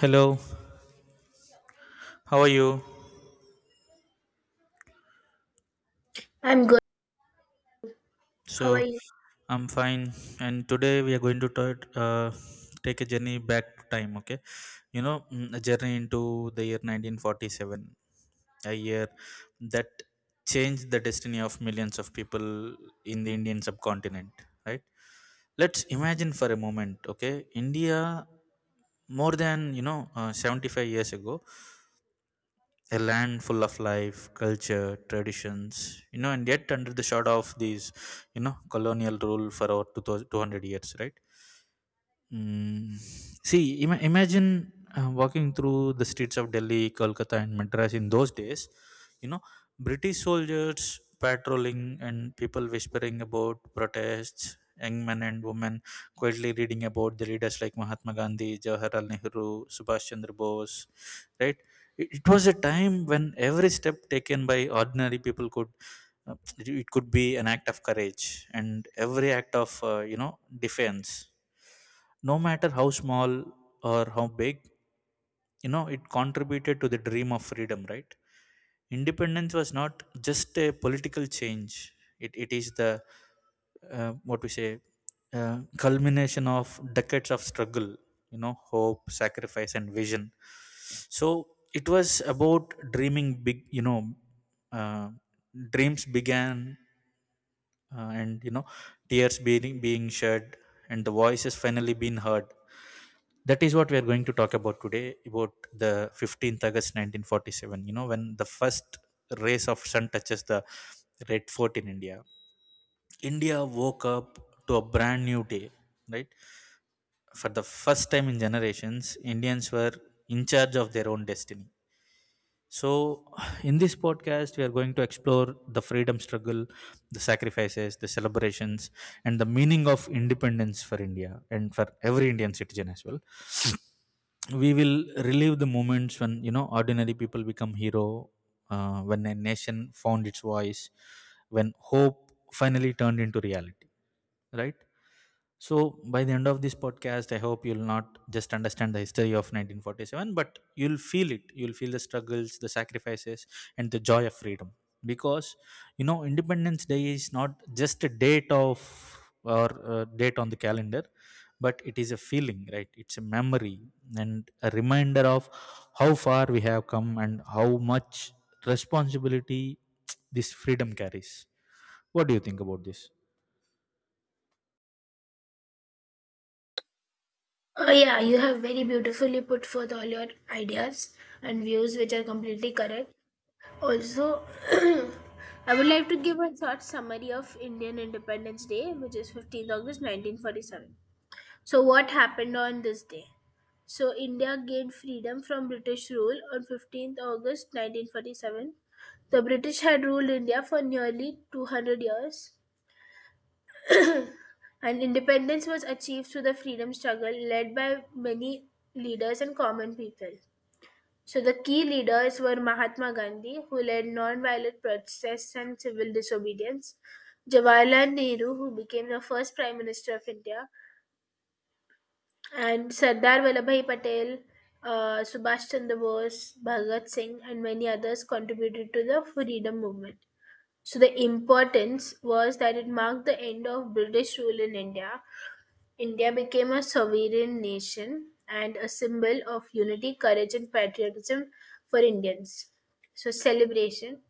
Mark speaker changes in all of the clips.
Speaker 1: Hello, how are you?
Speaker 2: I'm good. How are
Speaker 1: So,
Speaker 2: you?
Speaker 1: I'm fine, and today we are going to talk, take a journey back to time, okay? A journey into the year 1947, a year that changed the destiny of millions of people in the Indian subcontinent, right? Let's imagine for a moment, okay? India, more than, 75 years ago, a land full of life, culture, traditions, and yet under the shadow of these, colonial rule for over 2000 200 years, right? Mm, see, imagine walking through the streets of Delhi, Kolkata, and Madras in those days. You know, British soldiers patrolling and people whispering about protests, young men and women quietly reading about the leaders like Mahatma Gandhi, Jawaharlal Nehru, Subhash Chandra Bose, right. It was a time when every step taken by ordinary people could. uh, it could be an act of courage, and every act of defense, no matter how small or how big, it contributed to the dream of freedom, right. Independence was not just a political change, it is the, what we say, culmination of decades of struggle, hope, sacrifice, and vision. So it was about dreaming big, uh, dreams began, and tears being shed, and the voice has finally been heard. That is what we are going to talk about today, about the 15th august 1947, when the first rays of sun touches the red fort in India woke up to a brand new day, right. For the first time in generations, indians were in charge of their own destiny. So, in this podcast, we are going to explore the freedom struggle, the sacrifices, the celebrations, and the meaning of independence for India and for every Indian citizen as well. We will relive the moments when, ordinary people become hero, when a nation found its voice, when hope finally turned into reality, right. So by the end of this podcast, I hope you'll not just understand the history of 1947, but you'll feel it. You'll feel the struggles, the sacrifices, and the joy of freedom. Because, independence day is not just a date of, or a date on the calendar, but it is a feeling, right. It's a memory and a reminder of how far we have come and how much responsibility this freedom carries. What do you think about this?
Speaker 2: Oh, yeah, you have very beautifully put forth all your ideas and views, which are completely correct. Also, I would like to give a short summary of Indian Independence Day, which is 15th August 1947. So, what happened on this day? So, India gained freedom from British rule on 15th August 1947. The British had ruled India for nearly 200 years. And independence was achieved through the freedom struggle led by many leaders and common people. So the key leaders were Mahatma Gandhi, who led non-violent protests and civil disobedience, Jawaharlal Nehru, who became the first Prime Minister of India, and Sardar Vallabhai Patel, Subhash Chandra Bose, Bhagat Singh, and many others contributed to the freedom movement. So the importance was that it marked the end of British rule in India. India became a sovereign nation and a symbol of unity, courage, and patriotism for Indians. So, celebration.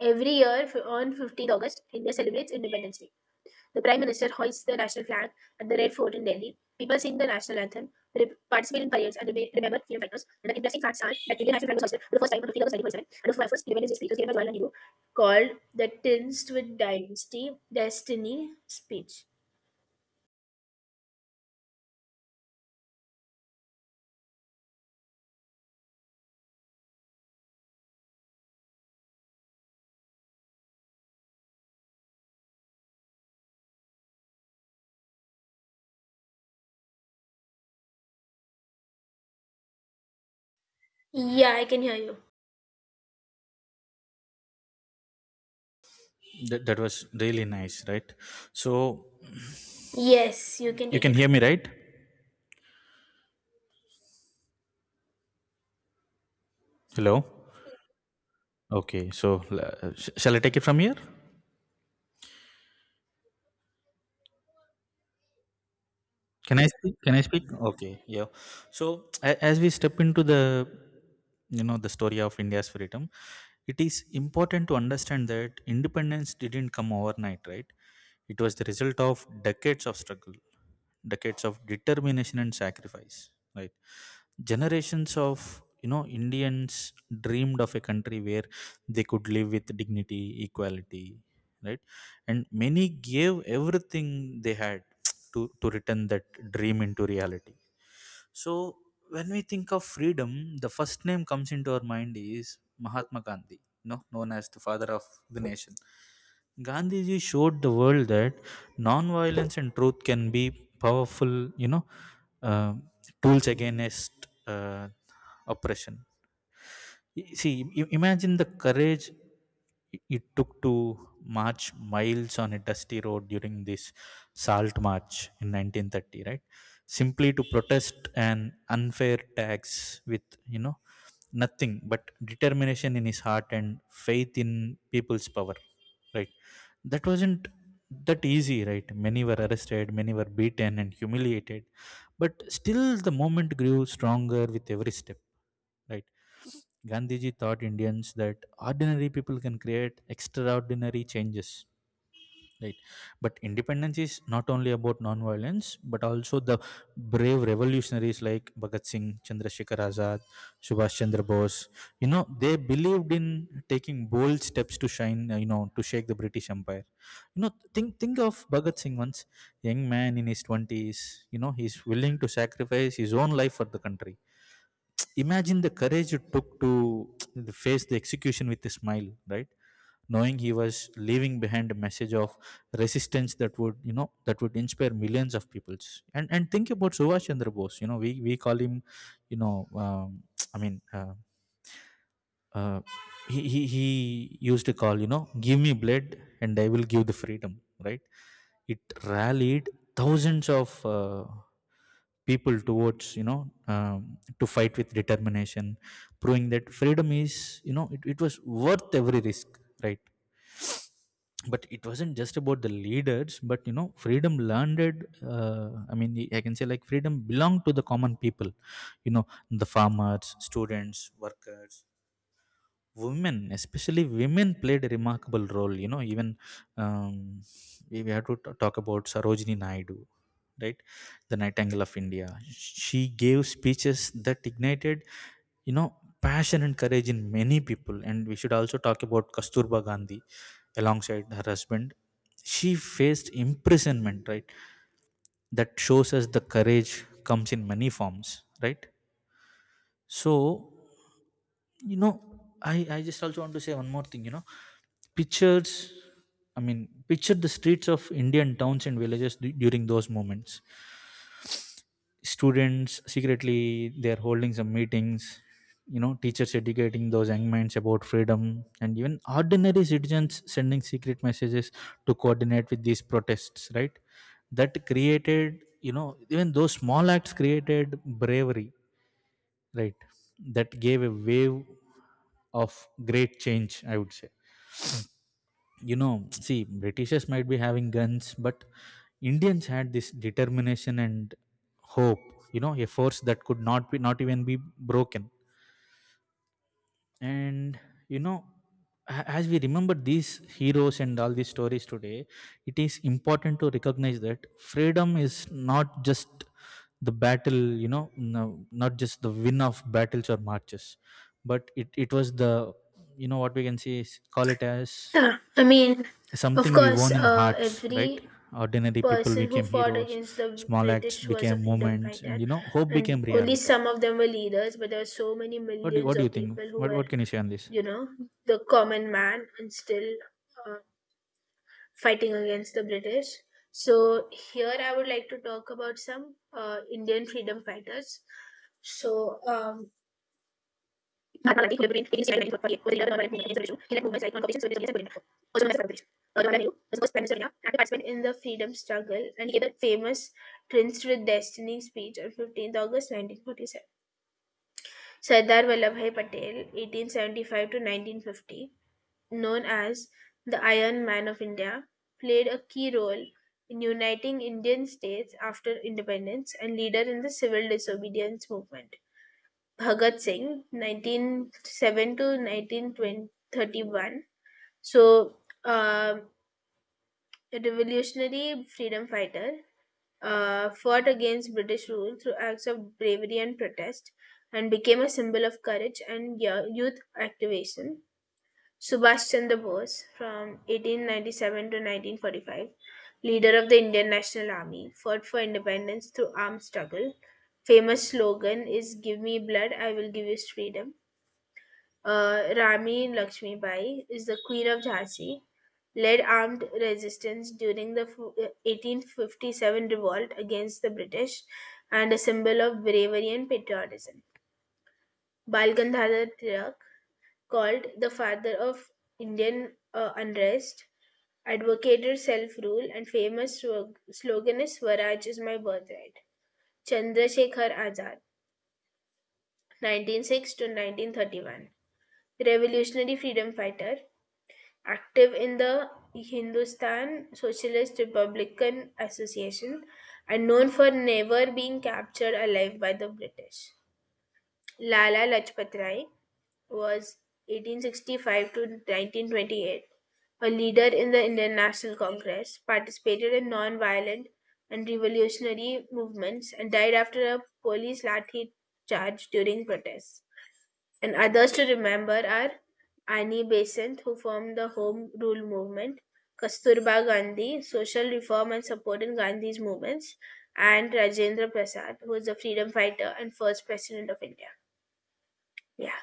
Speaker 2: Every year on 15th August, India celebrates Independence Day. The Prime Minister hoists the national flag at the Red Fort in Delhi. People sing the national anthem, participate in parades, and remember freedom fighters. And the interesting facts are that Indian national flag was hoisted for the first time on 15th August 1947, and the first Independence Day speech was given by Jawaharlal Nehru, called the Tinged with Dynasty Destiny speech. Yeah, I can hear you.
Speaker 1: That was really nice, right. So,
Speaker 2: Yes, you can
Speaker 1: you
Speaker 2: take
Speaker 1: can
Speaker 2: it
Speaker 1: hear
Speaker 2: from
Speaker 1: me,
Speaker 2: here.
Speaker 1: right? Hello. Okay, so shall I take it from here? Can I speak? Can I speak? Okay, yeah. So as we step into the you know the story of India's freedom, it is important to understand that independence didn't come overnight, right? It was the result of decades of struggle, decades of determination and sacrifice, right? Generations of, Indians dreamed of a country where they could live with dignity, equality, right. And many gave everything they had to return that dream into reality. So, when we think of freedom, the first name comes into our mind is mahatma gandhi, known as the father of the nation. Gandhiji showed the world that non-violence and truth can be powerful, you know uh, tools against, uh, oppression. See, imagine the courage it took to march miles on a dusty road during this salt march in 1930, right? Simply to protest an unfair tax with, you know, nothing but determination in his heart and faith in people's power, right. That wasn't that easy, right? Many were arrested, many were beaten and humiliated, but still the movement grew stronger with every step, right. Gandhiji taught indians that ordinary people can create extraordinary changes, right. But independence is not only about non-violence, but also the brave revolutionaries like bhagat singh, chandrasekhar azad, subhash chandra bose. They believed in taking bold steps to, shine you know to shake the british empire. You know think think of bhagat singh, once young man in his 20s. He's willing to sacrifice his own life for the country. Imagine the courage it took to face the execution with a smile, right, knowing he was leaving behind a message of resistance that would, inspire millions of peoples. And think about subhash chandra bose. We call him, you know um, I mean, uh, he used to call, give me blood and I will give the freedom, right. It rallied thousands of, people towards, to fight with determination, proving that freedom is, it was worth every risk, right. But it wasn't just about the leaders, but, freedom landed, I mean, I can say like freedom belonged to the common people. you know the farmers, students, workers, women, especially women, played a remarkable role, you know even um, we have to talk about sarojini naidu, right, the nightingale of india. She gave speeches that ignited, you know passion and courage in many people. And we should also talk about kasturba gandhi. Alongside her husband, she faced imprisonment, right, that shows us the courage comes in many forms, right. So, you know I just also want to say one more thing, pictures, I mean, picture the streets of indian towns and villages during those moments. Students secretly they're holding some meetings, teachers educating those young minds about freedom, and even ordinary citizens sending secret messages to coordinate with these protests, right. That created, even those small acts created bravery, right. That gave a wave of great change, I would say. See, britishers might be having guns, but indians had this determination and hope, a force that could not be, not even be broken. And, you know as we remember these heroes and all these stories today, it is important to recognize that freedom is not just the battle. No, not just the win of battles or marches, but it was the, what we can say is, call it as
Speaker 2: Yeah, I mean, of
Speaker 1: something we
Speaker 2: course,
Speaker 1: won in hearts, right.
Speaker 2: every
Speaker 1: Ordinary people
Speaker 2: person who
Speaker 1: became
Speaker 2: fought
Speaker 1: heroes,
Speaker 2: against the
Speaker 1: small acts
Speaker 2: British was a
Speaker 1: became
Speaker 2: freedom
Speaker 1: moments, and,
Speaker 2: fighter,
Speaker 1: hope
Speaker 2: and
Speaker 1: became
Speaker 2: only
Speaker 1: reality.
Speaker 2: some of them were leaders, but there were so many
Speaker 1: what do you,
Speaker 2: millions
Speaker 1: what do you
Speaker 2: of
Speaker 1: think?
Speaker 2: people who
Speaker 1: what,
Speaker 2: were,
Speaker 1: what can you say on this?
Speaker 2: you know, the common man and still uh, fighting against the British. So, here I would like to talk about some Indian freedom fighters. So, महात्मा गांधी फुले पुढील एकोणीसशे अठ्ठ्याण्णव मध्ये वरील दहा non veg movement, हिंसू ratio, हे मुंबई साहित्य competition, Soviet इंडियाचा परिणाम. Also known as Sarkar. Jawaharlal Nehru was the first Prime Minister of India and participant in the freedom struggle, and he gave the famous Prince with Destiny speech on 15th August 1947. Sardar Vallabhai Patel, 1875 to 1950, known as the Iron Man of India, played a key role in uniting Indian states after independence and leader in the civil disobedience movement. Bhagat Singh, 1907 to 1931. So, uh, a revolutionary freedom fighter, fought against British rule through acts of bravery and protest and became a symbol of courage and youth activation. Subhash Chandra Bose, from 1897 to 1945, leader of the Indian National Army, fought for independence through armed struggle. Famous slogan is "Give me blood, I will give you freedom." Rani Lakshmibai is the queen of Jhansi, led armed resistance during the 1857 revolt against the British and a symbol of bravery and patriotism. Bal Gangadhar Tilak, called the father of Indian unrest, advocated self-rule, and famous slogan is Swaraj is my birthright. Chandrasekhar Azad, 1906 to 1931, revolutionary freedom fighter, active in the Hindustan Socialist Republican Association and known for never being captured alive by the British. Lala Lajpat Rai was 1865 to 1928, a leader in the Indian National Congress, participated in non-violent and revolutionary movements, and died after a police lathi charge during protests. And others to remember are Annie Besant, who formed the Home Rule movement, Kasturba Gandhi, social reform and support Gandhi's movements, and Rajendra Prasad, who was a freedom fighter and first president of India. Yeah.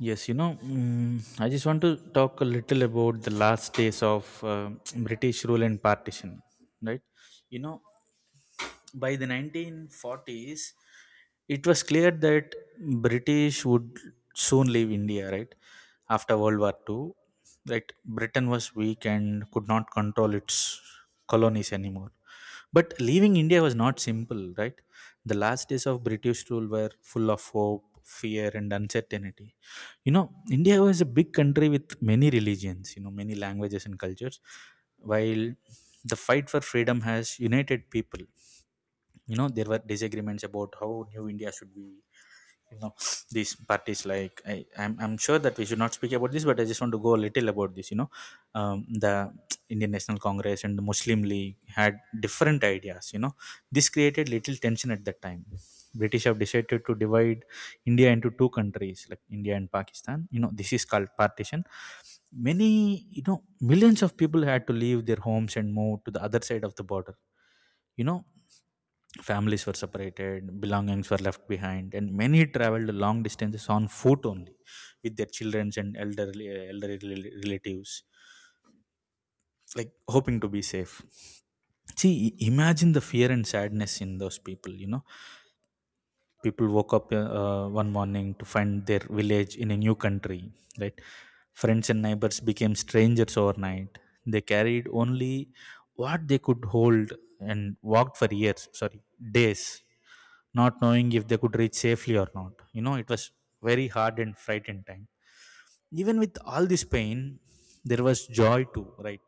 Speaker 1: Yes, I just want to talk a little about the last days of British rule and partition, right? You know, by the 1940s, it was clear that British would soon leave India, right? After World War Two, right. Britain was weak and could not control its colonies anymore. But leaving India was not simple, right? The last days of British rule were full of hope, fear, and uncertainty. India was a big country with many religions, many languages and cultures, while the fight for freedom has united people. There were disagreements about how new india should be. you know these parties, like, I'm sure that we should not speak about this, but I just want to go a little about this, the indian national congress and the muslim league had different ideas. This created little tension at that time. British have decided to divide india into two countries, like india and pakistan. This is called partition. Many you know millions of people had to leave their homes and move to the other side of the border. you know Families were separated, belongings were left behind, and many traveled long distances on foot, only with their children and elderly relatives, like, hoping to be safe. See, imagine the fear and sadness in those people. People woke up, one morning, to find their village in a new country, right. Friends and neighbors became strangers overnight. They carried only what they could hold, and walked for years, sorry, days, not knowing if they could reach safely or not. It was very hard and frightened time. Even with all this pain, there was joy too, right.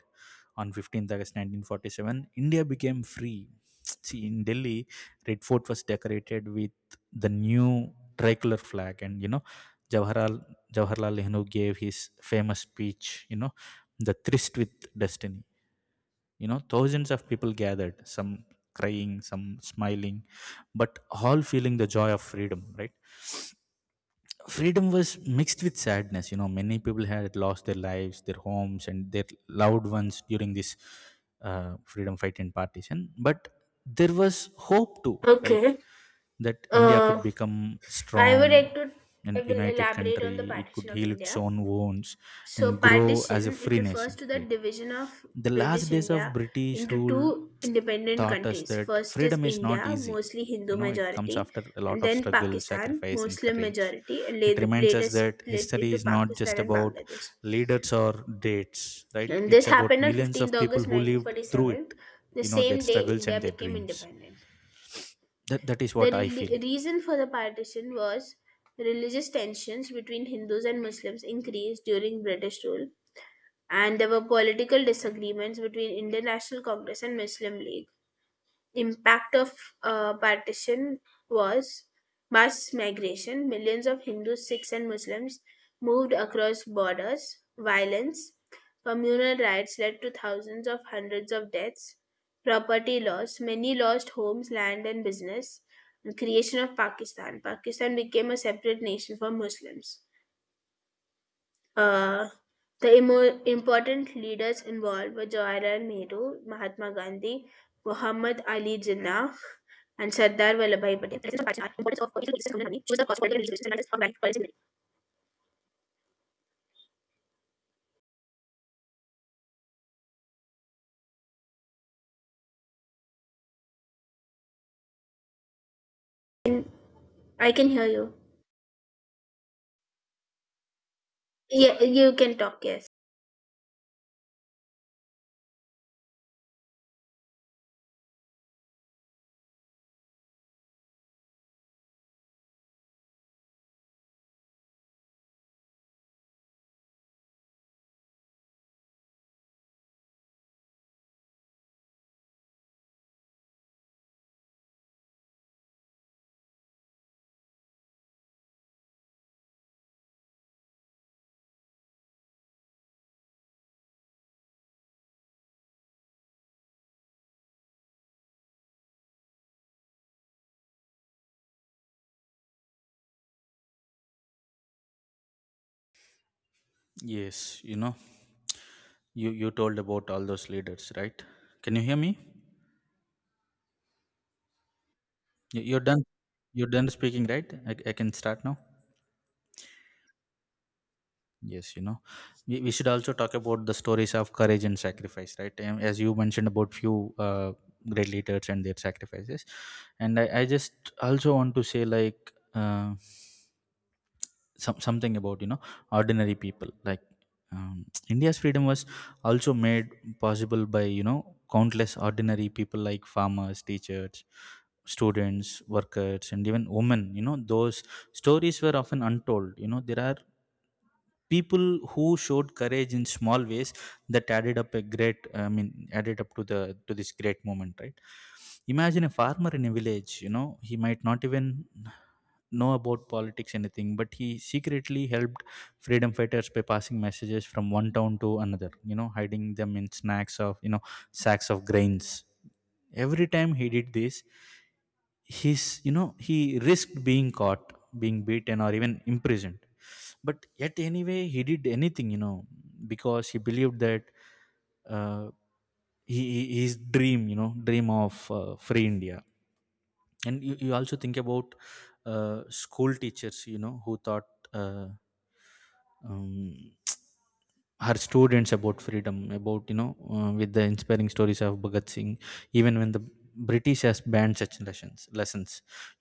Speaker 1: On 15th August 1947, India became free. See, in Delhi, Red Fort was decorated with the new tricolor flag. And, Jawaharlal, Jawaharlal Nehru gave his famous speech, the tryst with destiny. Thousands of people gathered, some crying, some smiling, but all feeling the joy of freedom, right? Freedom was mixed with sadness. You know, many people had lost their lives, their homes, and their loved ones during this freedom fight and partition. But there was hope too, right?
Speaker 2: Okay.
Speaker 1: That India could
Speaker 2: Uh,
Speaker 1: become
Speaker 2: I
Speaker 1: strong
Speaker 2: would like to I
Speaker 1: and
Speaker 2: will
Speaker 1: united
Speaker 2: elaborate on
Speaker 1: country.
Speaker 2: the
Speaker 1: It
Speaker 2: partition
Speaker 1: could
Speaker 2: of
Speaker 1: heal its
Speaker 2: India.
Speaker 1: own wounds
Speaker 2: So,
Speaker 1: and grow as a
Speaker 2: partition, it
Speaker 1: free
Speaker 2: refers
Speaker 1: nation,
Speaker 2: to the
Speaker 1: right?
Speaker 2: division of
Speaker 1: The
Speaker 2: British
Speaker 1: last days of
Speaker 2: India
Speaker 1: British
Speaker 2: into
Speaker 1: rule
Speaker 2: two independent
Speaker 1: taught us
Speaker 2: countries.
Speaker 1: that
Speaker 2: First is
Speaker 1: freedom is not
Speaker 2: India,
Speaker 1: easy.
Speaker 2: mostly
Speaker 1: You
Speaker 2: Hindu
Speaker 1: know, it comes
Speaker 2: majority,
Speaker 1: after a
Speaker 2: and
Speaker 1: lot of
Speaker 2: then
Speaker 1: struggle,
Speaker 2: Pakistan,
Speaker 1: sacrifice, and
Speaker 2: Muslim
Speaker 1: courage.
Speaker 2: majority, and
Speaker 1: It reminds
Speaker 2: later
Speaker 1: us that
Speaker 2: split
Speaker 1: history
Speaker 2: into
Speaker 1: is not
Speaker 2: Pakistan
Speaker 1: just
Speaker 2: and
Speaker 1: about
Speaker 2: Bangladesh.
Speaker 1: leaders or dates, right?
Speaker 2: And this
Speaker 1: It's about
Speaker 2: happened on 15th
Speaker 1: millions
Speaker 2: August
Speaker 1: of people who lived through
Speaker 2: 1947,
Speaker 1: it,
Speaker 2: the
Speaker 1: you know, their
Speaker 2: same day
Speaker 1: struggles
Speaker 2: India
Speaker 1: and their
Speaker 2: became
Speaker 1: dreams.
Speaker 2: independent.
Speaker 1: That is
Speaker 2: The
Speaker 1: what I feel.
Speaker 2: reason for the partition was religious tensions between Hindus and Muslims increased during British rule, and there were political disagreements between Indian National Congress and Muslim League. Impact of partition was mass migration. Millions of Hindus, Sikhs, and Muslims moved across borders. Violence, communal riots led to thousands of hundreds of deaths. Property loss, many lost homes, land, and business. And creation of Pakistan. Pakistan became a separate nation for Muslims. Uh, the important leaders involved were Jawaharlal Nehru, Mahatma Gandhi, Muhammad Ali Jinnah, and Sardar Vallabhai Patel. The lessons of Bajaj, importance of political leaders and autonomy, choose the cause for political resistance and analysis of value policy and leadership. I can hear you. Yeah, you can talk. Yes,
Speaker 1: Yes, you know, you told about all those leaders, right? Can you hear me? You're done. You're done speaking, right? I can start now. Yes, you know, we should also talk about the stories of courage and sacrifice, right? As you mentioned about few great leaders and their sacrifices, and I just also want to say like something about, you know, ordinary people. Like India's freedom was also made possible by, you know, countless ordinary people like farmers, teachers, students, workers, and even women. You know, those stories were often untold. You know, there are people who showed courage in small ways that added up a great I mean added up to the to this great moment, right? Imagine a farmer in a village. You know, he might not even know about politics anything, but he secretly helped freedom fighters by passing messages from one town to another, you know, hiding them in snacks of you know sacks of grains. Every time he did this, he's you know he risked being caught, being beaten, or even imprisoned. But yet anyway he did anything, you know, because he believed that, uh, his dream, you know, dream of free India. And you also think about school teachers, you know, who taught uh, um, her students about freedom, about, you know, with the inspiring stories of Bhagat Singh. Even when the British has banned such lessons,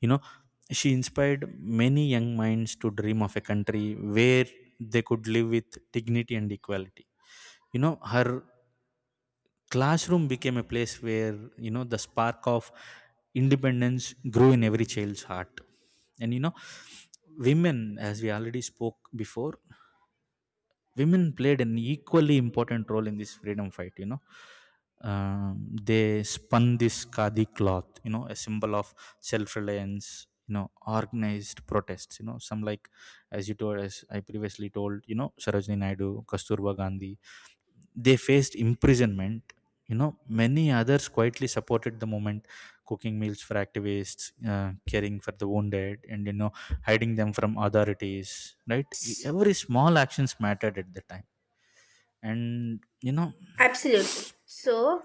Speaker 1: you know, she inspired many young minds to dream of a country where they could live with dignity and equality. You know, her classroom became a place where, you know, the spark of independence grew in every child's heart. And, you know, women, as we already spoke before, women played an equally important role in this freedom fight, you know. They spun this khadi cloth, you know, a symbol of self-reliance, you know, organized protests, you know, some like, as you told, as I previously told, you know, Sarojini Naidu, Kasturba Gandhi, they faced imprisonment. You know, many others quietly supported the movement, cooking meals for activists, caring for the wounded, and, you know, hiding them from authorities. Right? Every small actions mattered at the time, and, you know,
Speaker 2: absolutely. So,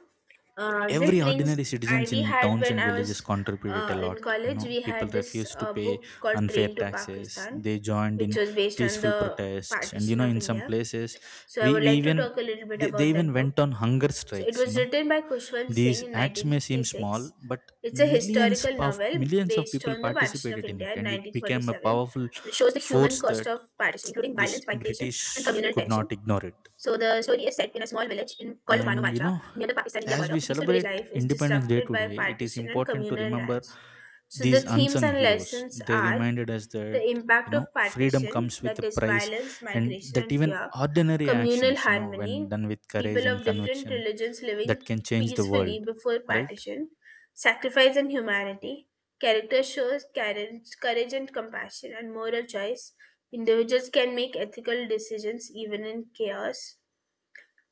Speaker 2: this
Speaker 1: every
Speaker 2: brings.
Speaker 1: ordinary
Speaker 2: I
Speaker 1: citizens
Speaker 2: we
Speaker 1: in
Speaker 2: had
Speaker 1: towns
Speaker 2: when
Speaker 1: and
Speaker 2: I
Speaker 1: villages
Speaker 2: was
Speaker 1: contributed a
Speaker 2: in
Speaker 1: lot. You
Speaker 2: college,
Speaker 1: know,
Speaker 2: we
Speaker 1: people
Speaker 2: had this
Speaker 1: refused to pay
Speaker 2: book called
Speaker 1: unfair
Speaker 2: Train to
Speaker 1: taxes.
Speaker 2: Pakistan,
Speaker 1: They joined in
Speaker 2: which was based on
Speaker 1: peaceful
Speaker 2: the
Speaker 1: protests, and, you
Speaker 2: partition
Speaker 1: know,
Speaker 2: of
Speaker 1: in some
Speaker 2: India.
Speaker 1: places
Speaker 2: So I would
Speaker 1: we
Speaker 2: like to
Speaker 1: even
Speaker 2: talk a little bit
Speaker 1: they
Speaker 2: about
Speaker 1: even
Speaker 2: that book.
Speaker 1: went on hunger
Speaker 2: So it
Speaker 1: strikes, you
Speaker 2: was
Speaker 1: know.
Speaker 2: written by Kushwant Singh
Speaker 1: These
Speaker 2: in
Speaker 1: acts may seem small,
Speaker 2: 1956.
Speaker 1: but
Speaker 2: It's a historical novel
Speaker 1: millions of
Speaker 2: based
Speaker 1: people
Speaker 2: on the partition of
Speaker 1: participated in it,
Speaker 2: India in
Speaker 1: and it became a
Speaker 2: 1947.
Speaker 1: powerful
Speaker 2: It shows the human
Speaker 1: force
Speaker 2: cost
Speaker 1: that
Speaker 2: of partition, including
Speaker 1: this
Speaker 2: violence, migration,
Speaker 1: British
Speaker 2: and communal
Speaker 1: could
Speaker 2: tension.
Speaker 1: not ignore it.
Speaker 2: So the story is set in a small village in called
Speaker 1: And, you
Speaker 2: Manumacha
Speaker 1: know,
Speaker 2: near the Pakistan-India
Speaker 1: as
Speaker 2: border.
Speaker 1: we
Speaker 2: Peaceful village
Speaker 1: celebrate
Speaker 2: life is
Speaker 1: Independence Day
Speaker 2: disrupted by
Speaker 1: today, it is
Speaker 2: partition and
Speaker 1: important to
Speaker 2: communal
Speaker 1: remember
Speaker 2: riots. So the
Speaker 1: these
Speaker 2: themes
Speaker 1: unsung
Speaker 2: and
Speaker 1: heroes.
Speaker 2: lessons
Speaker 1: They
Speaker 2: are
Speaker 1: reminded us that,
Speaker 2: the impact
Speaker 1: you know,
Speaker 2: of
Speaker 1: freedom
Speaker 2: partition,
Speaker 1: comes with a
Speaker 2: that is,
Speaker 1: price,
Speaker 2: violence,
Speaker 1: and
Speaker 2: migration,
Speaker 1: that
Speaker 2: and
Speaker 1: even
Speaker 2: fear,
Speaker 1: ordinary
Speaker 2: communal
Speaker 1: actions, you know,
Speaker 2: harmony,
Speaker 1: when done with courage
Speaker 2: people
Speaker 1: and
Speaker 2: of different
Speaker 1: conviction,
Speaker 2: religions living
Speaker 1: that can change the
Speaker 2: peacefully
Speaker 1: world,
Speaker 2: before
Speaker 1: right?
Speaker 2: partition, sacrifice and humanity, character shows courage, and compassion, and moral choice. Individuals can make ethical decisions even in chaos.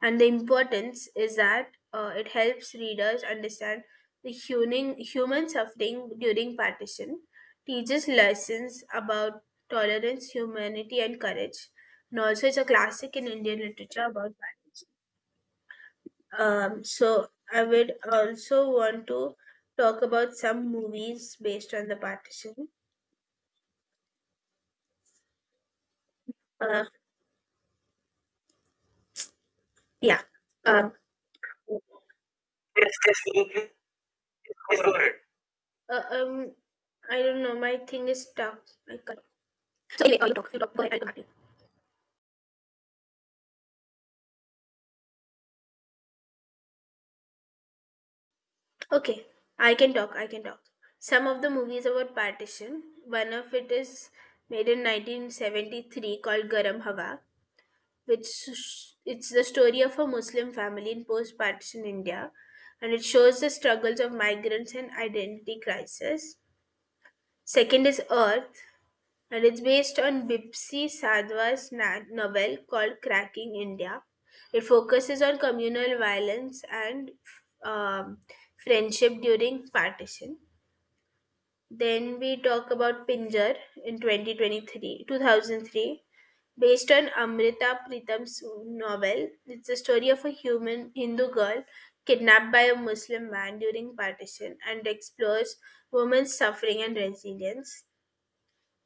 Speaker 2: And the importance is that it helps readers understand the human suffering during partition, teaches lessons about tolerance, humanity, and courage. And also, it's a classic in Indian literature about partition. So, I would also want to talk about some movies based on the partition. Uh, yeah. Um, Yes, yes, go ahead. uh, um, I don't know. My thing is stuck. I can't. So anyway, you talk. You talk. Go ahead. I'll come back to you. Okay, I can talk. I can talk. Some of the movies about partition. One of it is made in 1973, called Garam Hawa, which it's the story of a Muslim family in post-partition India, and it shows the struggles of migrants and identity crisis. Second is Earth, and it is based on Bipsy Sadhu's novel called "Cracking India". It focuses on communal violence and um, friendship during partition. Then we talk about Pinjar in 2023, 2003, based on Amrita Pritam's novel. It's the story of a human Hindu girl kidnapped by a Muslim man during partition and explores women's suffering and resilience.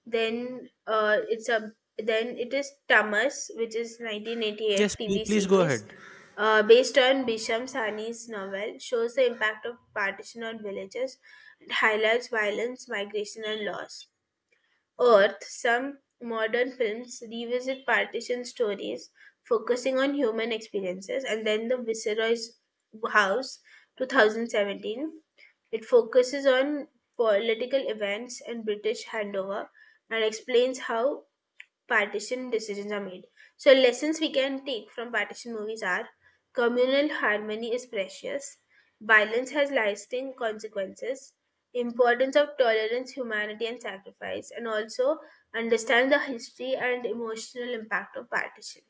Speaker 2: Then uh, it's a then it is Tamas, which is 1988
Speaker 1: Yes, please,
Speaker 2: TV
Speaker 1: please go
Speaker 2: series
Speaker 1: ahead.
Speaker 2: based on Bisham Sani's novel, shows the impact of partition on villages and highlights violence, migration, and loss. Earth, some modern films revisit partition stories, focusing on human experiences, and then the Viceroy's House 2017. It focuses on political events in British Handover and explains how partition decisions are made. So, lessons we can take from partition movies are communal harmony is precious, violence has lasting consequences, importance of tolerance, humanity, and sacrifice, and also understand the history and emotional impact of partition.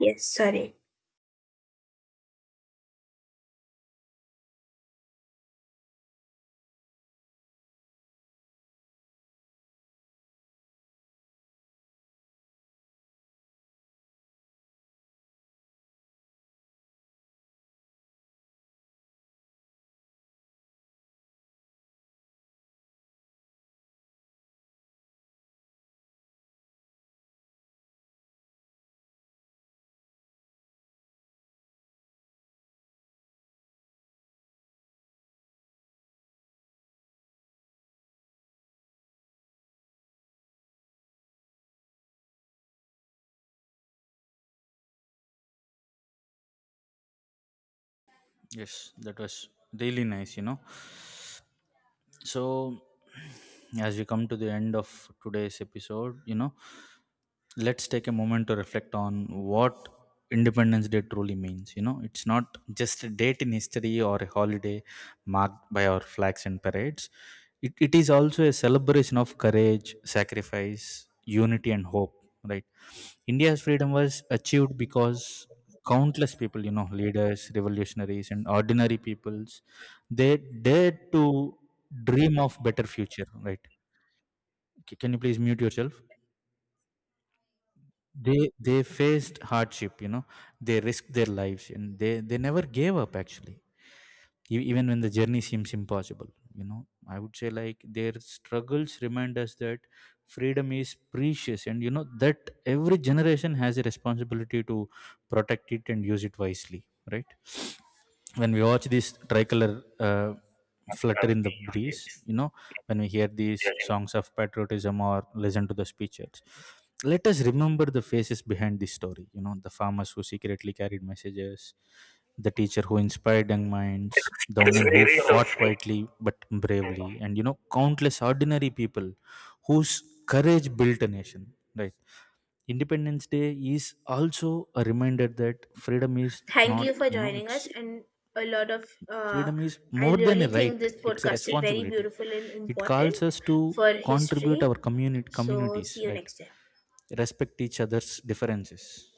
Speaker 2: Yes. Sorry.
Speaker 1: Yes, that was really nice, you know. So, as we come to the end of today's episode, you know, let's take a moment to reflect on what Independence Day truly means. You know, it's not just a date in history or a holiday marked by our flags and parades. It is also a celebration of courage, sacrifice, unity, and hope. Right? India's freedom was achieved because countless people, you know, leaders, revolutionaries, and ordinary peoples, they dared to dream of better future. Right? Can you please mute yourself? They faced hardship, you know, they risked their lives, and they never gave up actually. Even when the journey seems impossible, you know, I would say like their struggles remind us that freedom is precious, and, you know, that every generation has a responsibility to protect it and use it wisely, right? When we watch this tricolor flutter in the breeze, you know, when we hear these songs of patriotism or listen to the speeches, let us remember the faces behind this story. You know, the farmers who secretly carried messages, the teacher who inspired young minds, the
Speaker 2: The
Speaker 1: women who
Speaker 2: spirit
Speaker 1: fought
Speaker 2: of.
Speaker 1: quietly but bravely, and, you know, countless ordinary people whose courage built a nation, right? Independence Day is also a reminder that freedom is
Speaker 2: Thank
Speaker 1: not
Speaker 2: you for
Speaker 1: you know
Speaker 2: joining
Speaker 1: it's
Speaker 2: us and a lot of
Speaker 1: freedom is
Speaker 2: I
Speaker 1: more than a
Speaker 2: really think
Speaker 1: right,
Speaker 2: this
Speaker 1: it's a
Speaker 2: podcast is very
Speaker 1: responsibility.
Speaker 2: beautiful and
Speaker 1: It
Speaker 2: important
Speaker 1: calls us to
Speaker 2: for
Speaker 1: contribute
Speaker 2: history.
Speaker 1: our
Speaker 2: So see
Speaker 1: communities,
Speaker 2: you
Speaker 1: right?
Speaker 2: next time.
Speaker 1: Respect each other's differences.